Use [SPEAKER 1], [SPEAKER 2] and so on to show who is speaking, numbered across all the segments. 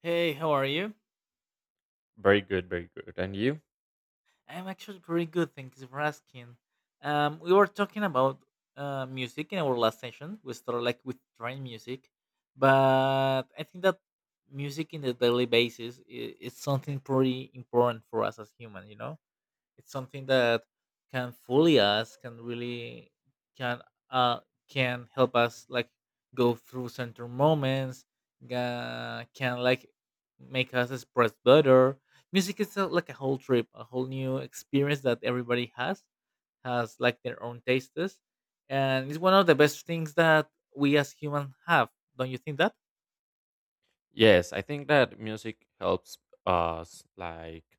[SPEAKER 1] Hey, how are you?
[SPEAKER 2] Very good, very good. And you?
[SPEAKER 1] I'm actually pretty good, thanks for asking. We were talking about music in our last session. We started like with trend music, but I think that music in the daily basis is something pretty important for us as human, you know? It's something that can fully us can really can uh can help us like go through certain moments, can like make us express better. Music is a, like a whole trip, a whole new experience that everybody has like their own tastes, and it's one of the best things that we as humans have. Don't you think that?
[SPEAKER 2] Yes, I think that music helps us like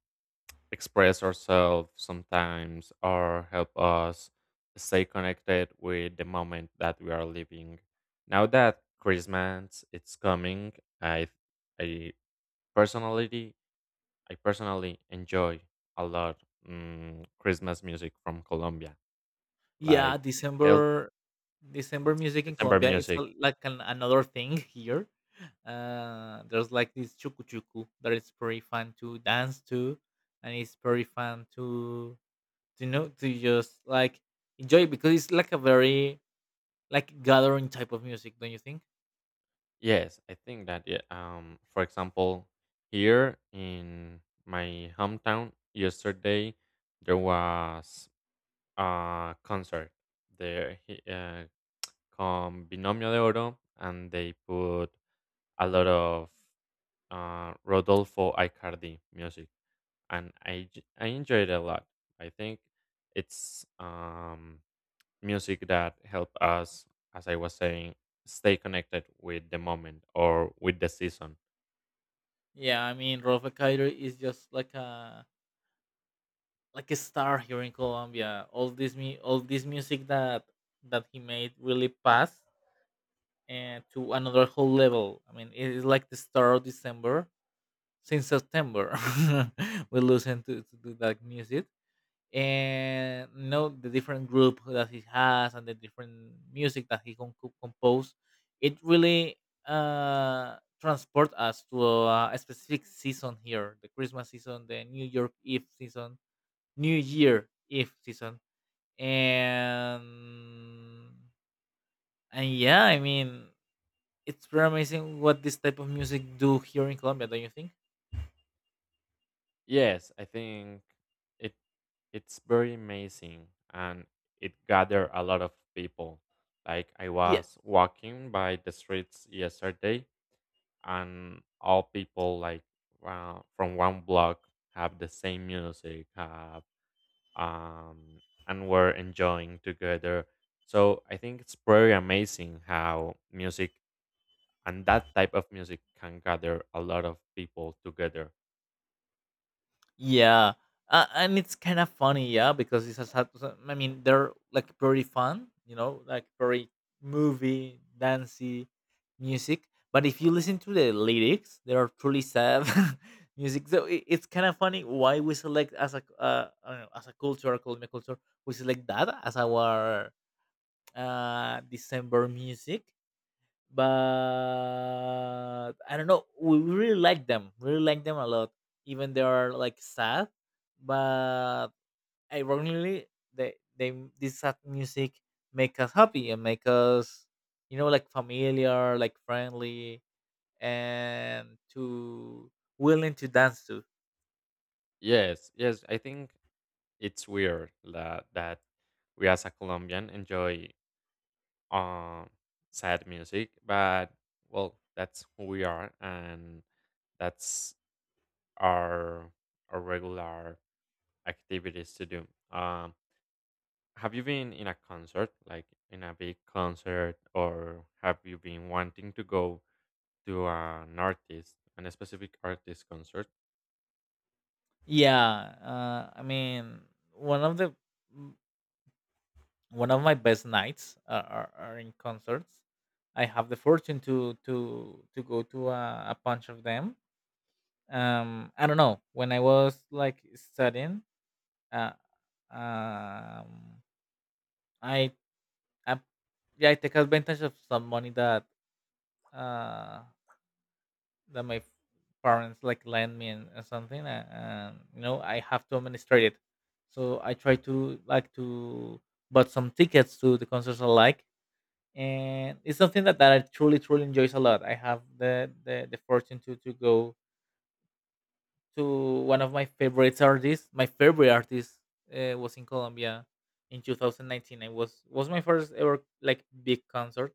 [SPEAKER 2] express ourselves sometimes or help us stay connected with the moment that we are living. Now that Christmas it's coming, I I personally I personally enjoy a lot Christmas music from Colombia.
[SPEAKER 1] Yeah,
[SPEAKER 2] Like it helps.
[SPEAKER 1] December. December music in
[SPEAKER 2] December
[SPEAKER 1] Colombia, it's a
[SPEAKER 2] music.
[SPEAKER 1] like an another thing here. There's like this chucu chucu that is pretty fun to dance to, and it's pretty fun to know, to just like enjoy it, because it's like a very like gathering type of music, don't you think?
[SPEAKER 2] Yes, I think that yeah, for example, here in my hometown yesterday there was a concert. There he- uh, Con Binomio de Oro and they put a lot of Rodolfo Icardi music, and I enjoyed it a lot. I think it's music that help us, as I was saying, stay connected with the moment or with the season.
[SPEAKER 1] Yeah, I mean Rolfe Kaido is just like a star here in Colombia. All this me all this music that that he made really passed and to another whole level. I mean, it is like the start of December. Since September, we listen to that music and know the different group that he has and the different music that he can compose. It really, transport us to a specific season here: the Christmas season, the New York Eve season, New Year Eve season, and yeah, I mean it's very amazing what this type of music do here in Colombia, don't you think?
[SPEAKER 2] Yes, I think it it's very amazing, and it gathered a lot of people. Like I
[SPEAKER 1] Yeah.
[SPEAKER 2] was walking by the streets yesterday, and all people like wow, from one block have the same music, have um and were enjoying together. So I think it's very amazing how music and that type of music can gather a lot of people together.
[SPEAKER 1] Yeah, and it's kind of funny, yeah, because it's a sad. So, I mean, they're like very fun, you know, like very movie, dancey music. But if you listen to the lyrics, they are truly sad music. So it's kind of funny why we select as a I as a culture, Colombian culture, we select that as our December music, but I don't know. We really like them a lot. Even they are like sad, but ironically, they, this sad music, make us happy and make us, you know, like familiar, like friendly, and to willing to dance to.
[SPEAKER 2] Yes, yes, I think it's weird that we as a Colombian enjoy um sad music, but well, that's who we are, and that's our our regular activities to do. Have you been in a concert, like in a big concert, or have you been wanting to go to an artist, an specific artist concert?
[SPEAKER 1] Yeah, I mean, one of the one of my best nights are in concerts. I have the fortune to go to a bunch of them. I don't know. When I was like studying, uh, um, I, I, yeah, I take advantage of some money that uh that my parents like lend me, and something, and you know I have to administrate it. So I try to like to bought some tickets to the concerts I like, and it's something that, that I truly truly enjoys a lot. I have the fortune to go to one of my favorite artists. My favorite artist, was in Colombia in 2019. It was my first ever like big concert,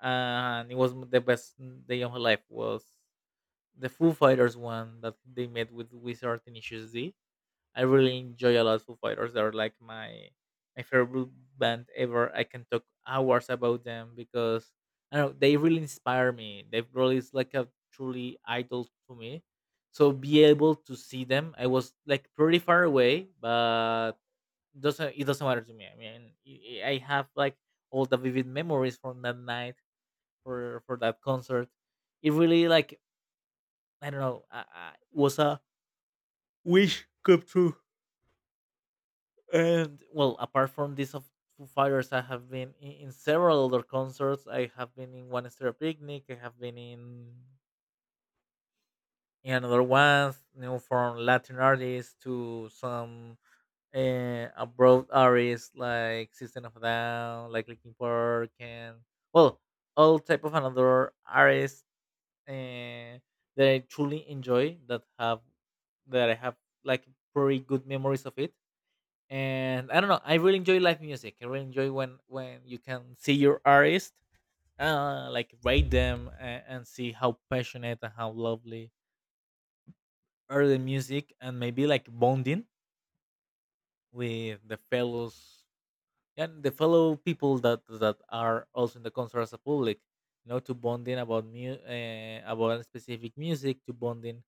[SPEAKER 1] and it was the best day of my life. Was the Foo Fighters one that they made with Wizard and Issues D. I really enjoy a lot Foo Fighters. They're like my favorite band ever. I can talk hours about them because I don't know they really inspire me. They've really is like a truly idol to me. So be able to see them. I was like pretty far away, but doesn't it doesn't matter to me. I mean, I have like all the vivid memories from that night for that concert. It really like I don't know, was a wish come true. And well, apart from this of Foo Fighters, I have been in several other concerts. I have been in one stereo picnic. I have been in another one, you know, from Latin artists to some abroad artists like System of a Down, like Linkin Park, and well, all type of another artists, uh, that I truly enjoy that have that I have like pretty good memories of it, and I don't know. I really enjoy live music. I really enjoy when you can see your artist, like rate them, and see how passionate and how lovely are the music, and maybe like bonding with the fellows and the fellow people that that are also in the concert as a public. You know, to bonding about about specific music, to bonding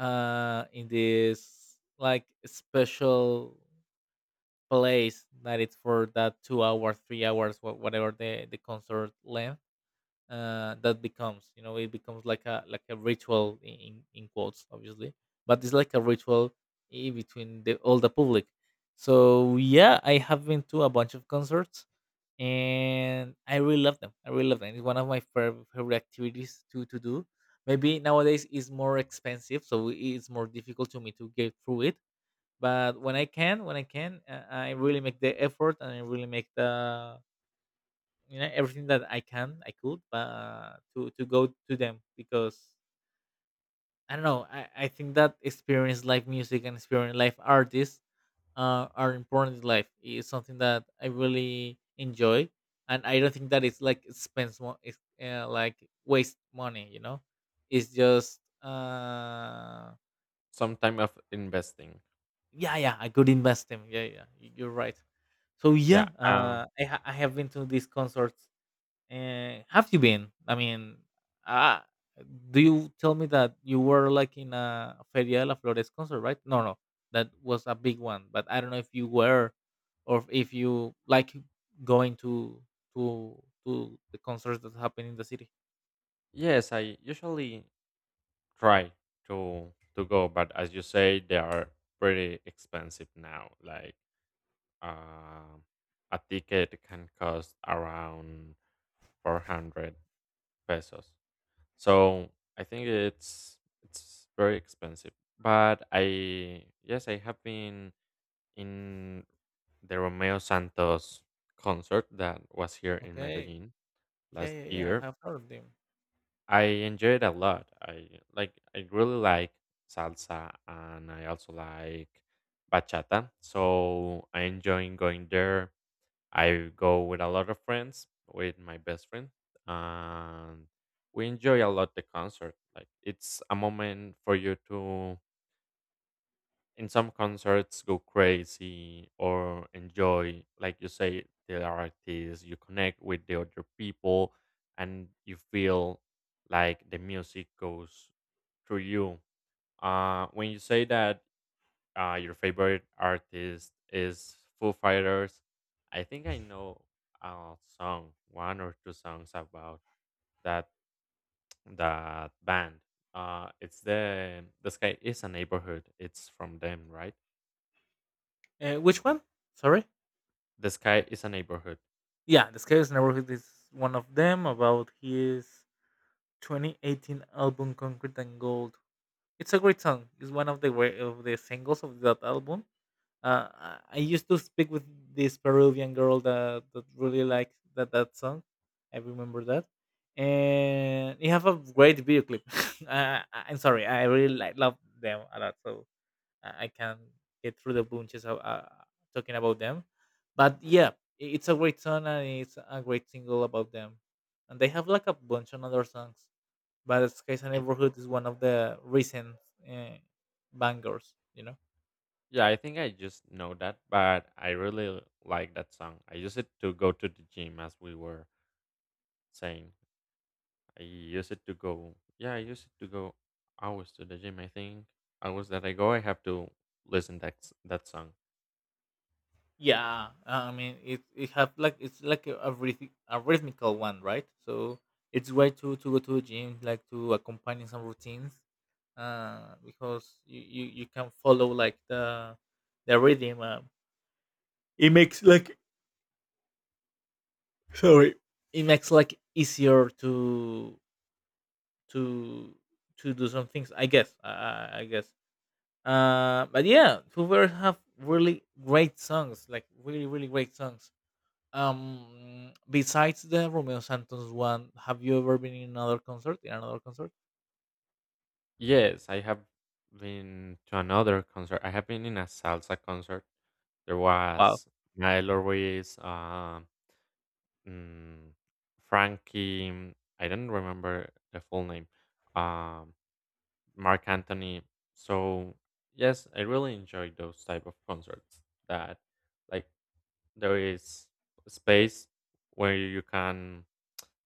[SPEAKER 1] in this like special place that it's for that 2 hours, 3 hours, whatever the concert length. That becomes, you know, it becomes like a ritual in quotes, obviously, but it's like a ritual in between the all the public. So yeah, I have been to a bunch of concerts, and I really love them. I really love them. It's one of my favorite activities to do. Maybe nowadays it's more expensive, so it's more difficult to me to get through it, but when I can when I can, I really make the effort and I really make the, you know, everything that I can I could but to go to them, because I don't know. I think that experience live music and experience live artists, are important in life. It's something that I really enjoy, and I don't think that it's like it's, like waste money, you know. It's just
[SPEAKER 2] Some time of investing.
[SPEAKER 1] yeah, yeah, I could invest them. Yeah, yeah, you're right. So
[SPEAKER 2] Yeah.
[SPEAKER 1] yeah, I I have been to these concerts. Have you been? I mean, uh, do you tell me that you were like in a Feria de la Flores concert, right? No, no, that was a big one. But I don't know if you were, or if you like going to to the concerts that happen in the city.
[SPEAKER 2] Yes, I usually try to go, but as you say they are pretty expensive now, like um a ticket can cost around 400 pesos. So I think it's very expensive, but I yes I have been in the romeo santos concert that was here in
[SPEAKER 1] Okay.
[SPEAKER 2] medellin
[SPEAKER 1] Yeah,
[SPEAKER 2] last
[SPEAKER 1] yeah, yeah. I
[SPEAKER 2] year.
[SPEAKER 1] have heard of them.
[SPEAKER 2] I enjoy it a lot. I really like salsa, and I also like bachata. So I enjoy going there. I go with a lot of friends, with my best friend, and we enjoy a lot the concert. Like it's a moment for you to in some concerts go crazy or enjoy, like you say, the artists, you connect with the other people and you feel like the music goes through you. When you say that your favorite artist is foo fighters, I think I know a song, one or two songs, about that that band. It's the sky is a neighborhood, it's from them, right?
[SPEAKER 1] Which one? Sorry.
[SPEAKER 2] The Sky is a Neighborhood.
[SPEAKER 1] Yeah, the Sky's Network is one of them about his 2018 album Concrete and Gold. It's a great song. It's one of the of the singles of that album. I used to speak with this Peruvian girl that, that really liked that that song. I remember that, and you have a great video clip. I'm sorry, I really like, love them a lot. So I can't get through the bunches of talking about them. But yeah, it's a great song and it's a great single about them. And they have like a bunch of other songs, but Skies and
[SPEAKER 2] I,
[SPEAKER 1] Neighborhood is one of the recent, uh, bangers, you know.
[SPEAKER 2] yeah, I think I just know that, but I really like that song. I use it to go to the gym, as we were saying. I use it to go. Yeah, I use it to go hours to the gym. I think hours that I go, I have to listen that that song.
[SPEAKER 1] Yeah, I mean it. It have like it's like a, a rhythmical one, right? So it's way to go to the gym, like to accompany some routines, because you can follow like the rhythm. It makes like sorry it makes like easier to to do some things I guess. I guess, but yeah Foo Fighters have really great songs, like really really great songs. Besides the romeo santos one, have you ever been in another concert, in another concert?
[SPEAKER 2] Yes, I have been to another concert. I have been in a salsa concert. There
[SPEAKER 1] Wow.
[SPEAKER 2] was Milo Ruiz, Mm, Frankie, I don't remember the full name. Um, Mark Anthony. So yes, I really enjoy those type of concerts that like there is space where you can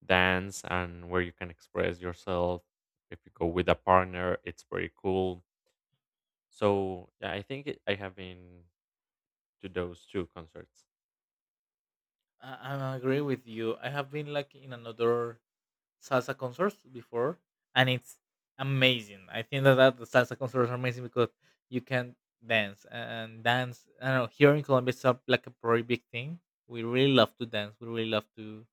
[SPEAKER 2] dance and where you can express yourself. If you go with a partner, it's pretty cool. So yeah, I think I have been to those two concerts.
[SPEAKER 1] I agree with you. I have been like in another salsa concerts before, and it's amazing. I think that, that the salsa concerts are amazing because you can dance and dance. I don't know. Here in Colombia, it's a, like a very big thing. We really love to dance. We really love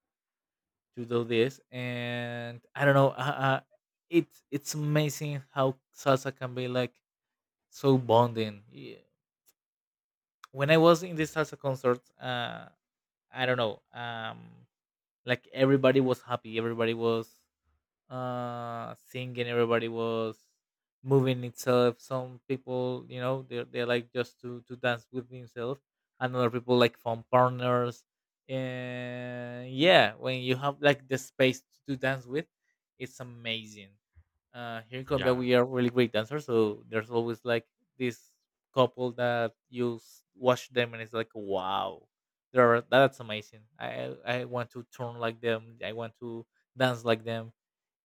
[SPEAKER 1] to do this, and I don't know. It's amazing how salsa can be like so bonding. Yeah. When I was in this salsa concert, I don't know. Like everybody was happy. Everybody was singing, everybody was moving itself. Some people, you know, they like just to dance with themselves, and other people like form partners, and yeah, when you have like the space to dance with, it's amazing. Here in colombia
[SPEAKER 2] Yeah.
[SPEAKER 1] we are really great dancers, so there's always like this couple that you watch them, and it's like wow, there are, that's amazing. I want to turn like them. I want to dance like them.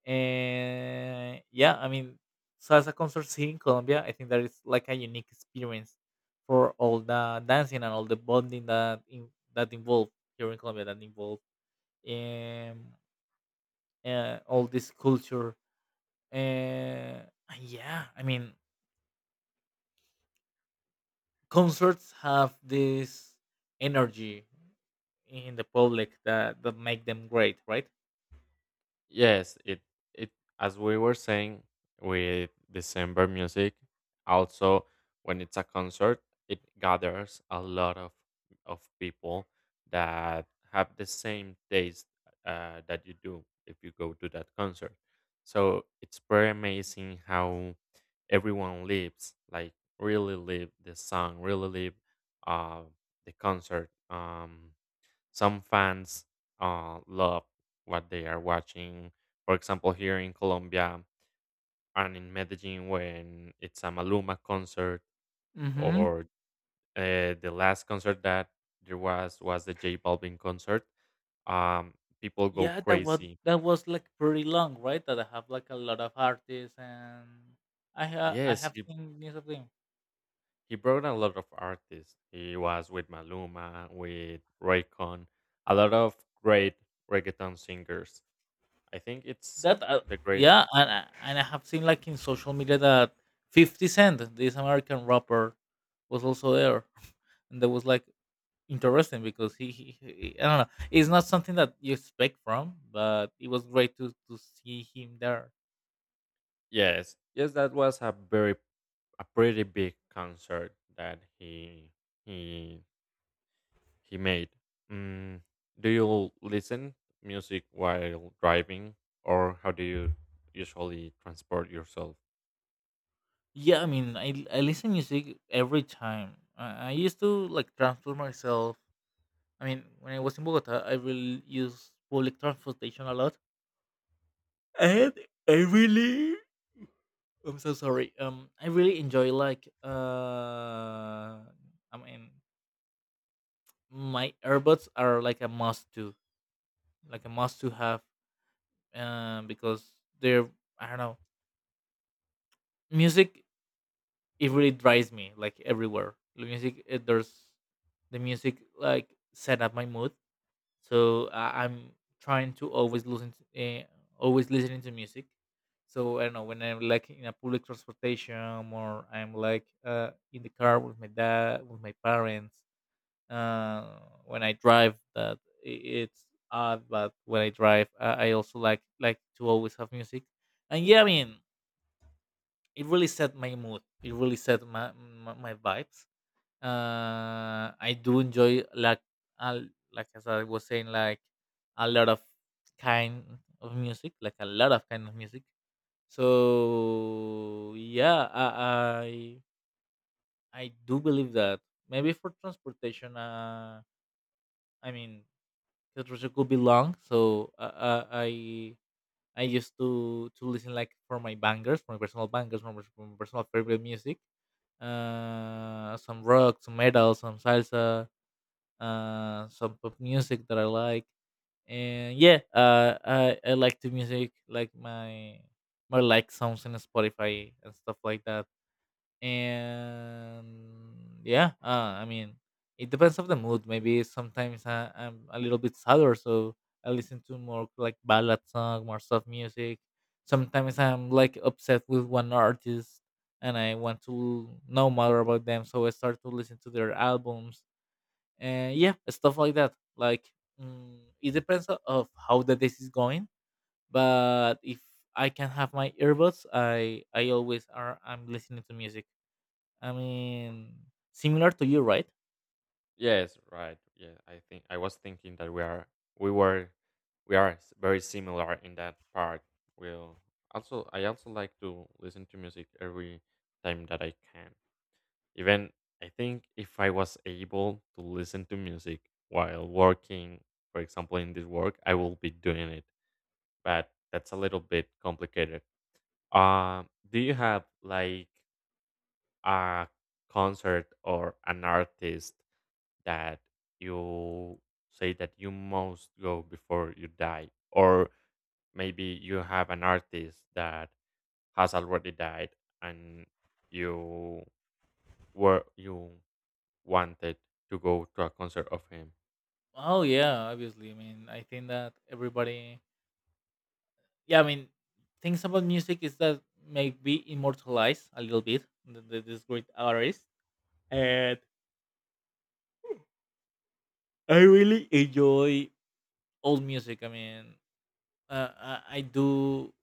[SPEAKER 1] And yeah, I mean, salsa concerts here in Colombia, I think that is like a unique experience for all the dancing and all the bonding that in, that involved here in Colombia, that involved, um, all this culture. Uh, yeah, I mean, concerts have this energy in the public that, that make them great, right?
[SPEAKER 2] Yes, it it as we were saying with December music, also when it's a concert, it gathers a lot of people that have the same taste that you do if you go to that concert. So it's pretty amazing how everyone lives, like really live the song, really live uh, the concert. Some fans love what they are watching. For example, here in Colombia and in Medellin, when it's a Maluma concert,
[SPEAKER 1] Mm-hmm.
[SPEAKER 2] or the last concert that there was the J Balvin concert. Um, people go
[SPEAKER 1] Yeah,
[SPEAKER 2] crazy.
[SPEAKER 1] that was like pretty long, right? That I have like a lot of artists, and I
[SPEAKER 2] Yes,
[SPEAKER 1] have seen news of them.
[SPEAKER 2] he brought a lot of artists. He was with Maluma, with Raycon, a lot of great reggaeton singers. I think it's
[SPEAKER 1] That
[SPEAKER 2] the great.
[SPEAKER 1] Yeah, and I have seen like in social media that 50 Cent, this American rapper, was also there, and that was like interesting because he I don't know, it's not something that you expect from, but it was great to see him there.
[SPEAKER 2] Yes, yes, that was a very a pretty big concert that he he made. Mm, do you listen music while driving, or how do you usually transport yourself?
[SPEAKER 1] Yeah, I mean, I listen music every time. I used to like transfer myself. I mean, when I was in Bogota, I will use public transportation a lot, and I really, I'm so sorry. I really enjoy like I mean, my earbuds are like a must like a must to have, because they're I don't know, music it really drives me like everywhere. The music there's the music like set up my mood, so I'm trying to always listen to always listening to music. So I don't know, when I'm like in a public transportation or I'm like in the car with my dad, with my parents, uh, when I drive that it's odd, but when I drive, I also like to always have music. And yeah, I mean, it really set my mood, it really set my vibes. I do enjoy uh, like as I was saying, like a lot of kind of music, like a lot of kind of music. So yeah, I do believe that maybe for transportation, I mean, the transportation could be long, so I used to listen like for my bangers, for my personal bangers, for my personal favorite music, some rock, some metal, some salsa, uh, some pop music that I like. And yeah, I like the music like my like songs in Spotify and stuff like that. And yeah, I mean, it depends of the mood. Maybe sometimes I'm a little bit sadder, so I listen to more like ballad song, more soft music. Sometimes I'm like upset with one artist, and I want to know more about them, so I start to listen to their albums. And yeah, stuff like that. Like it depends of how the day is going. But if I can have my earbuds, I always are I'm listening to music. I mean, similar to you, right?
[SPEAKER 2] Yes, right. Yeah, I think I was thinking that we were we are very similar in that part. We'll also I also like to listen to music every time that I can. Even I think if I was able to listen to music while working, for example, in this work, I will be doing it. But that's a little bit complicated. Uh, do you have like a concert or an artist that you say that you must go before you die? Or maybe you have an artist that has already died, and you were you wanted to go to a concert of him.
[SPEAKER 1] Oh yeah, obviously. I mean, I think that everybody, yeah, I mean, things about music is that maybe immortalized a little bit this great artist. And I really enjoy old music. I mean, I do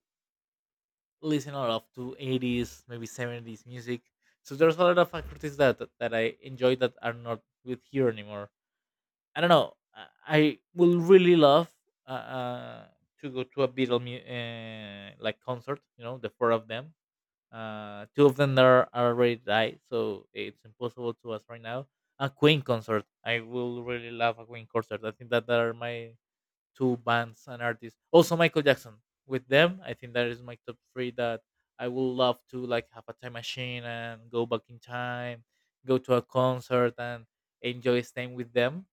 [SPEAKER 1] listen a lot of to 80s, maybe 70s music. So there's a lot of artists that I enjoy that are not with here anymore. I don't know, I will really love uh, uh to go to a beatle mu- like concert, you know, the four of them. Uh, two of them are already died, so it's impossible to us right now. A Queen concert, I will really love a Queen concert. I think that they are my two bands and artists. Also Michael Jackson. With them, I think that is my top three that I would love to like have a time machine and go back in time, go to a concert and enjoy staying with them.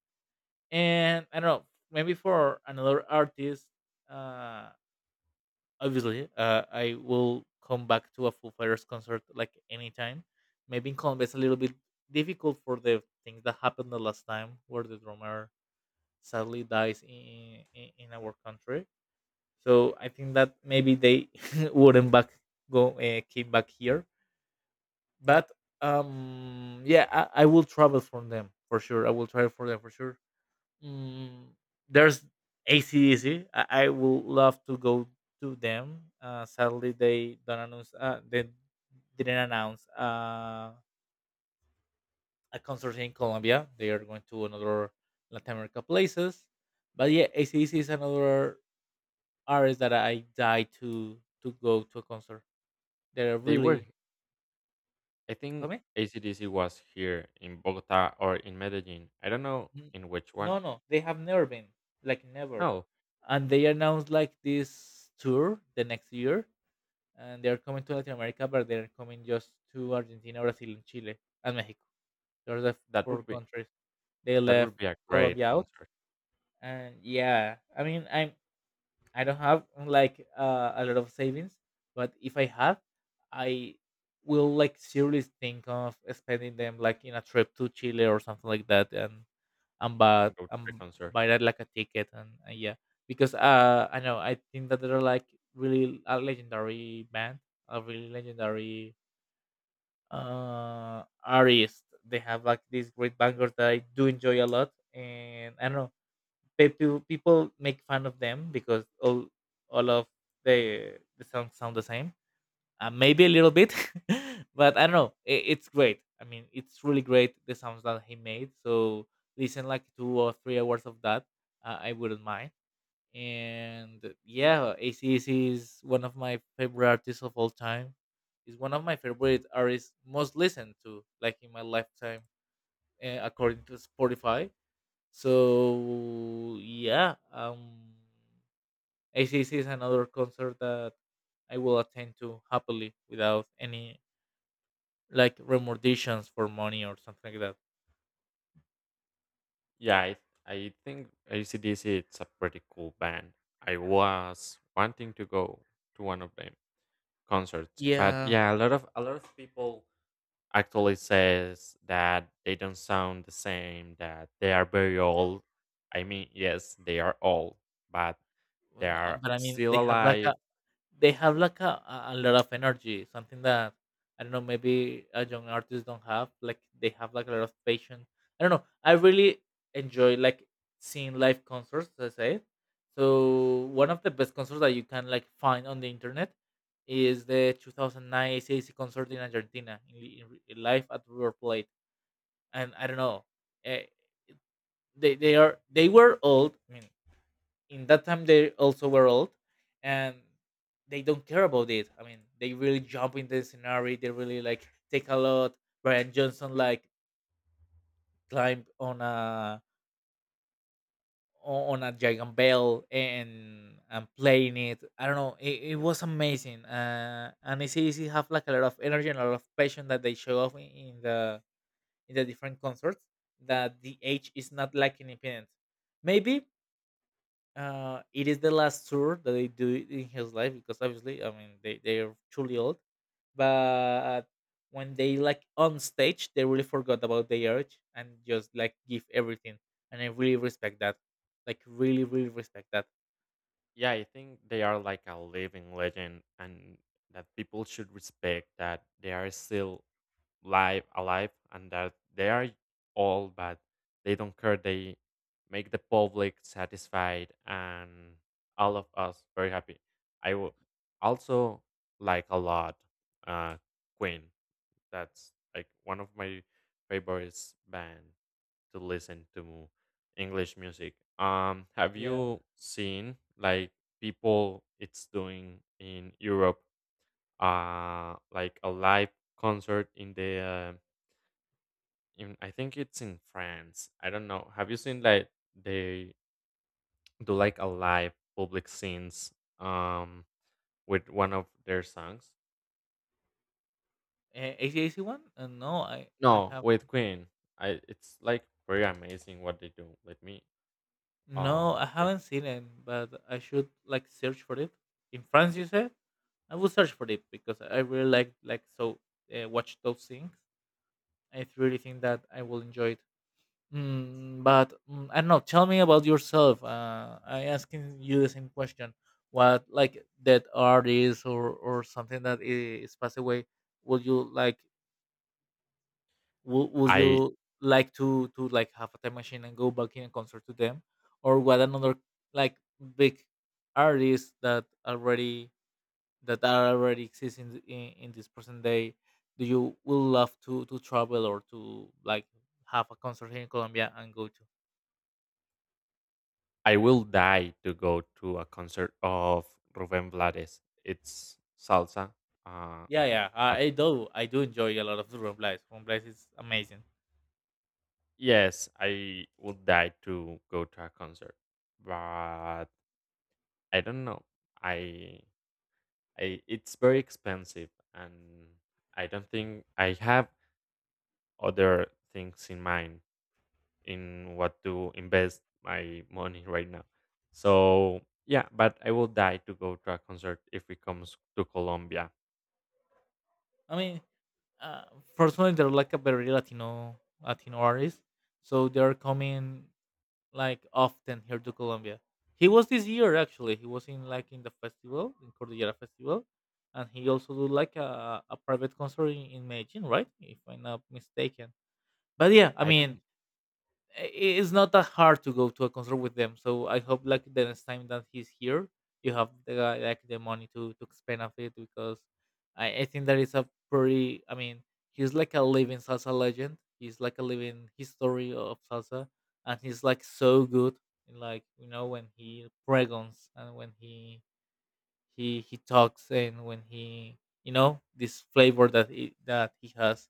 [SPEAKER 1] And I don't know, maybe for another artist, uh, obviously, I will come back to a Foo Fighters concert like anytime. Maybe in Colombia it's a little bit difficult for the things that happened the last time where the drummer sadly dies in our country. So I think that maybe they wouldn't back go came back here. But yeah, I will travel for them for sure. I will travel for them for sure. Mm, there's ACDC. I will love to go to them. Sadly, they don't announce. They didn't announce a concert in Colombia. They are going to another Latin America places. But yeah, ACDC is another artist that I die to go to a concert. They're
[SPEAKER 2] They were,
[SPEAKER 1] really
[SPEAKER 2] I
[SPEAKER 1] tell
[SPEAKER 2] think,
[SPEAKER 1] me?
[SPEAKER 2] ACDC was here in Bogota or in Medellin. I don't know
[SPEAKER 1] N-
[SPEAKER 2] in which one.
[SPEAKER 1] No, no, they have never been like never,
[SPEAKER 2] No,
[SPEAKER 1] and they announced like this tour the next year, and they are coming to Latin America, but they're coming just to Argentina, Brazil, and Chile, and Mexico. Those are the
[SPEAKER 2] that
[SPEAKER 1] four
[SPEAKER 2] would be
[SPEAKER 1] countries. They
[SPEAKER 2] that
[SPEAKER 1] left
[SPEAKER 2] would be a great
[SPEAKER 1] Colombia out.
[SPEAKER 2] concert
[SPEAKER 1] And yeah, I mean, I don't have like a lot of savings, but if I have, I will like seriously think of spending them like in a trip to Chile or something like that, and buy
[SPEAKER 2] and go to the
[SPEAKER 1] and
[SPEAKER 2] concert.
[SPEAKER 1] buy that like a ticket, and yeah, because I know, I think that they're like really a legendary band, a really legendary artist. They have like these great bangers that I do enjoy a lot. And I don't know, people make fun of them because all of the songs sound the same, maybe a little bit. But I don't know, it's great. I mean, it's really great the sounds that he made. So listen like two or three hours of that, I wouldn't mind. And yeah, ACDC is one of my favorite artists of all time, is one of my favorite artists most listened to like in my lifetime, according to Spotify. So yeah, ACDC is another concert that I will attend to happily without any like remunerations for money or something like that.
[SPEAKER 2] Yeah, I think ACDC it's a pretty cool band. I was wanting to go to one of them concerts, but
[SPEAKER 1] Yeah,
[SPEAKER 2] yeah, a lot of people actually says that they don't sound the same, that they are very old. I mean, yes, they are old, but
[SPEAKER 1] well,
[SPEAKER 2] they
[SPEAKER 1] no,
[SPEAKER 2] are
[SPEAKER 1] but I mean
[SPEAKER 2] still
[SPEAKER 1] they have like
[SPEAKER 2] alive.
[SPEAKER 1] a they have like a lot of energy, something that I don't know, maybe a young artist don't have. Like they have like a lot of patience. I don't know. I really enjoy like seeing live concerts. As I say, so one of the best concerts that you can like find on the internet is the 2009 ACAC concert in Argentina in live at River Plate, and I don't know. uh, they were old. I mean, in that time they also were old, and they don't care about it. I mean, they really jump in the scenario. They really like take a lot. Brian Johnson like climbed on a giant bell and playing it. I don't know. It was amazing. And it's easy have like a lot of energy and a lot of passion that they show off in the different concerts. That the age is not like independent. Maybe it is the last tour that they do in his life because obviously, I mean, they are truly old. But when they like on stage, they really forgot about their age and just like give everything. And I really respect that. Like really, really respect that.
[SPEAKER 2] Yeah, I think they are like a living legend, and that people should respect that they are still live alive and that they are old but they don't care, they make the public satisfied and all of us very happy. I would also like a lot uh queen. That's like one of my favorites band to listen to english music. Um, have
[SPEAKER 1] Yeah,
[SPEAKER 2] you seen like people it's doing in europe like a live concert in the in I think it's in France. I don't know. Have you seen like they do like a live public scenes um with one of their songs?
[SPEAKER 1] ACDC one? No, I
[SPEAKER 2] No,
[SPEAKER 1] have
[SPEAKER 2] with Queen. I it's like very amazing what they do. Let me
[SPEAKER 1] no, I
[SPEAKER 2] like
[SPEAKER 1] haven't seen it, but I should like search for it. In France, you said I will search for it because I really like so, watch those things. I really think that I will enjoy it. Mm, but mm, I don't know. Tell me about yourself. I asking you the same question. What like that artist or something that is passed away? Would you like? Would
[SPEAKER 2] I
[SPEAKER 1] you like to like have a time machine and go back in a concert to them, or what another like big artist that already that are already exist in, in this present day? Do you would love to travel or to like have a concert here in Colombia and go to?
[SPEAKER 2] I will die to go to a concert of Rubén Blades. It's salsa. Uh,
[SPEAKER 1] Yeah, yeah.
[SPEAKER 2] but
[SPEAKER 1] I do. I do enjoy a lot of the Rumblies. Rumblies is amazing.
[SPEAKER 2] yes, I would die to go to a concert. But I don't know. I I, it's very expensive, and I don't think I have other things in mind in what to invest my money right now. So yeah, but I will die to go to a concert if it comes to Colombia.
[SPEAKER 1] I mean, uh, personally, they're like a very Latino Latino artist, so they're coming like often here to Colombia. He was this year actually. He was in like in the festival in Cordillera Festival, and he also do like a private concert in Medellin, right? If I'm not mistaken. But yeah, I
[SPEAKER 2] I
[SPEAKER 1] mean,
[SPEAKER 2] don't.
[SPEAKER 1] it's not that hard to go to a concert with them. So I hope like the next time that he's here, you have the guy like the money to spend of it. Because I think that is a pretty. I mean, he's like a living salsa legend. He's like a living history of salsa, and he's like so good. In like you know when he pregons and when he he talks and when he you know this flavor that he has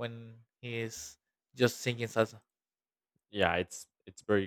[SPEAKER 1] when he is just singing salsa.
[SPEAKER 2] Yeah, it's very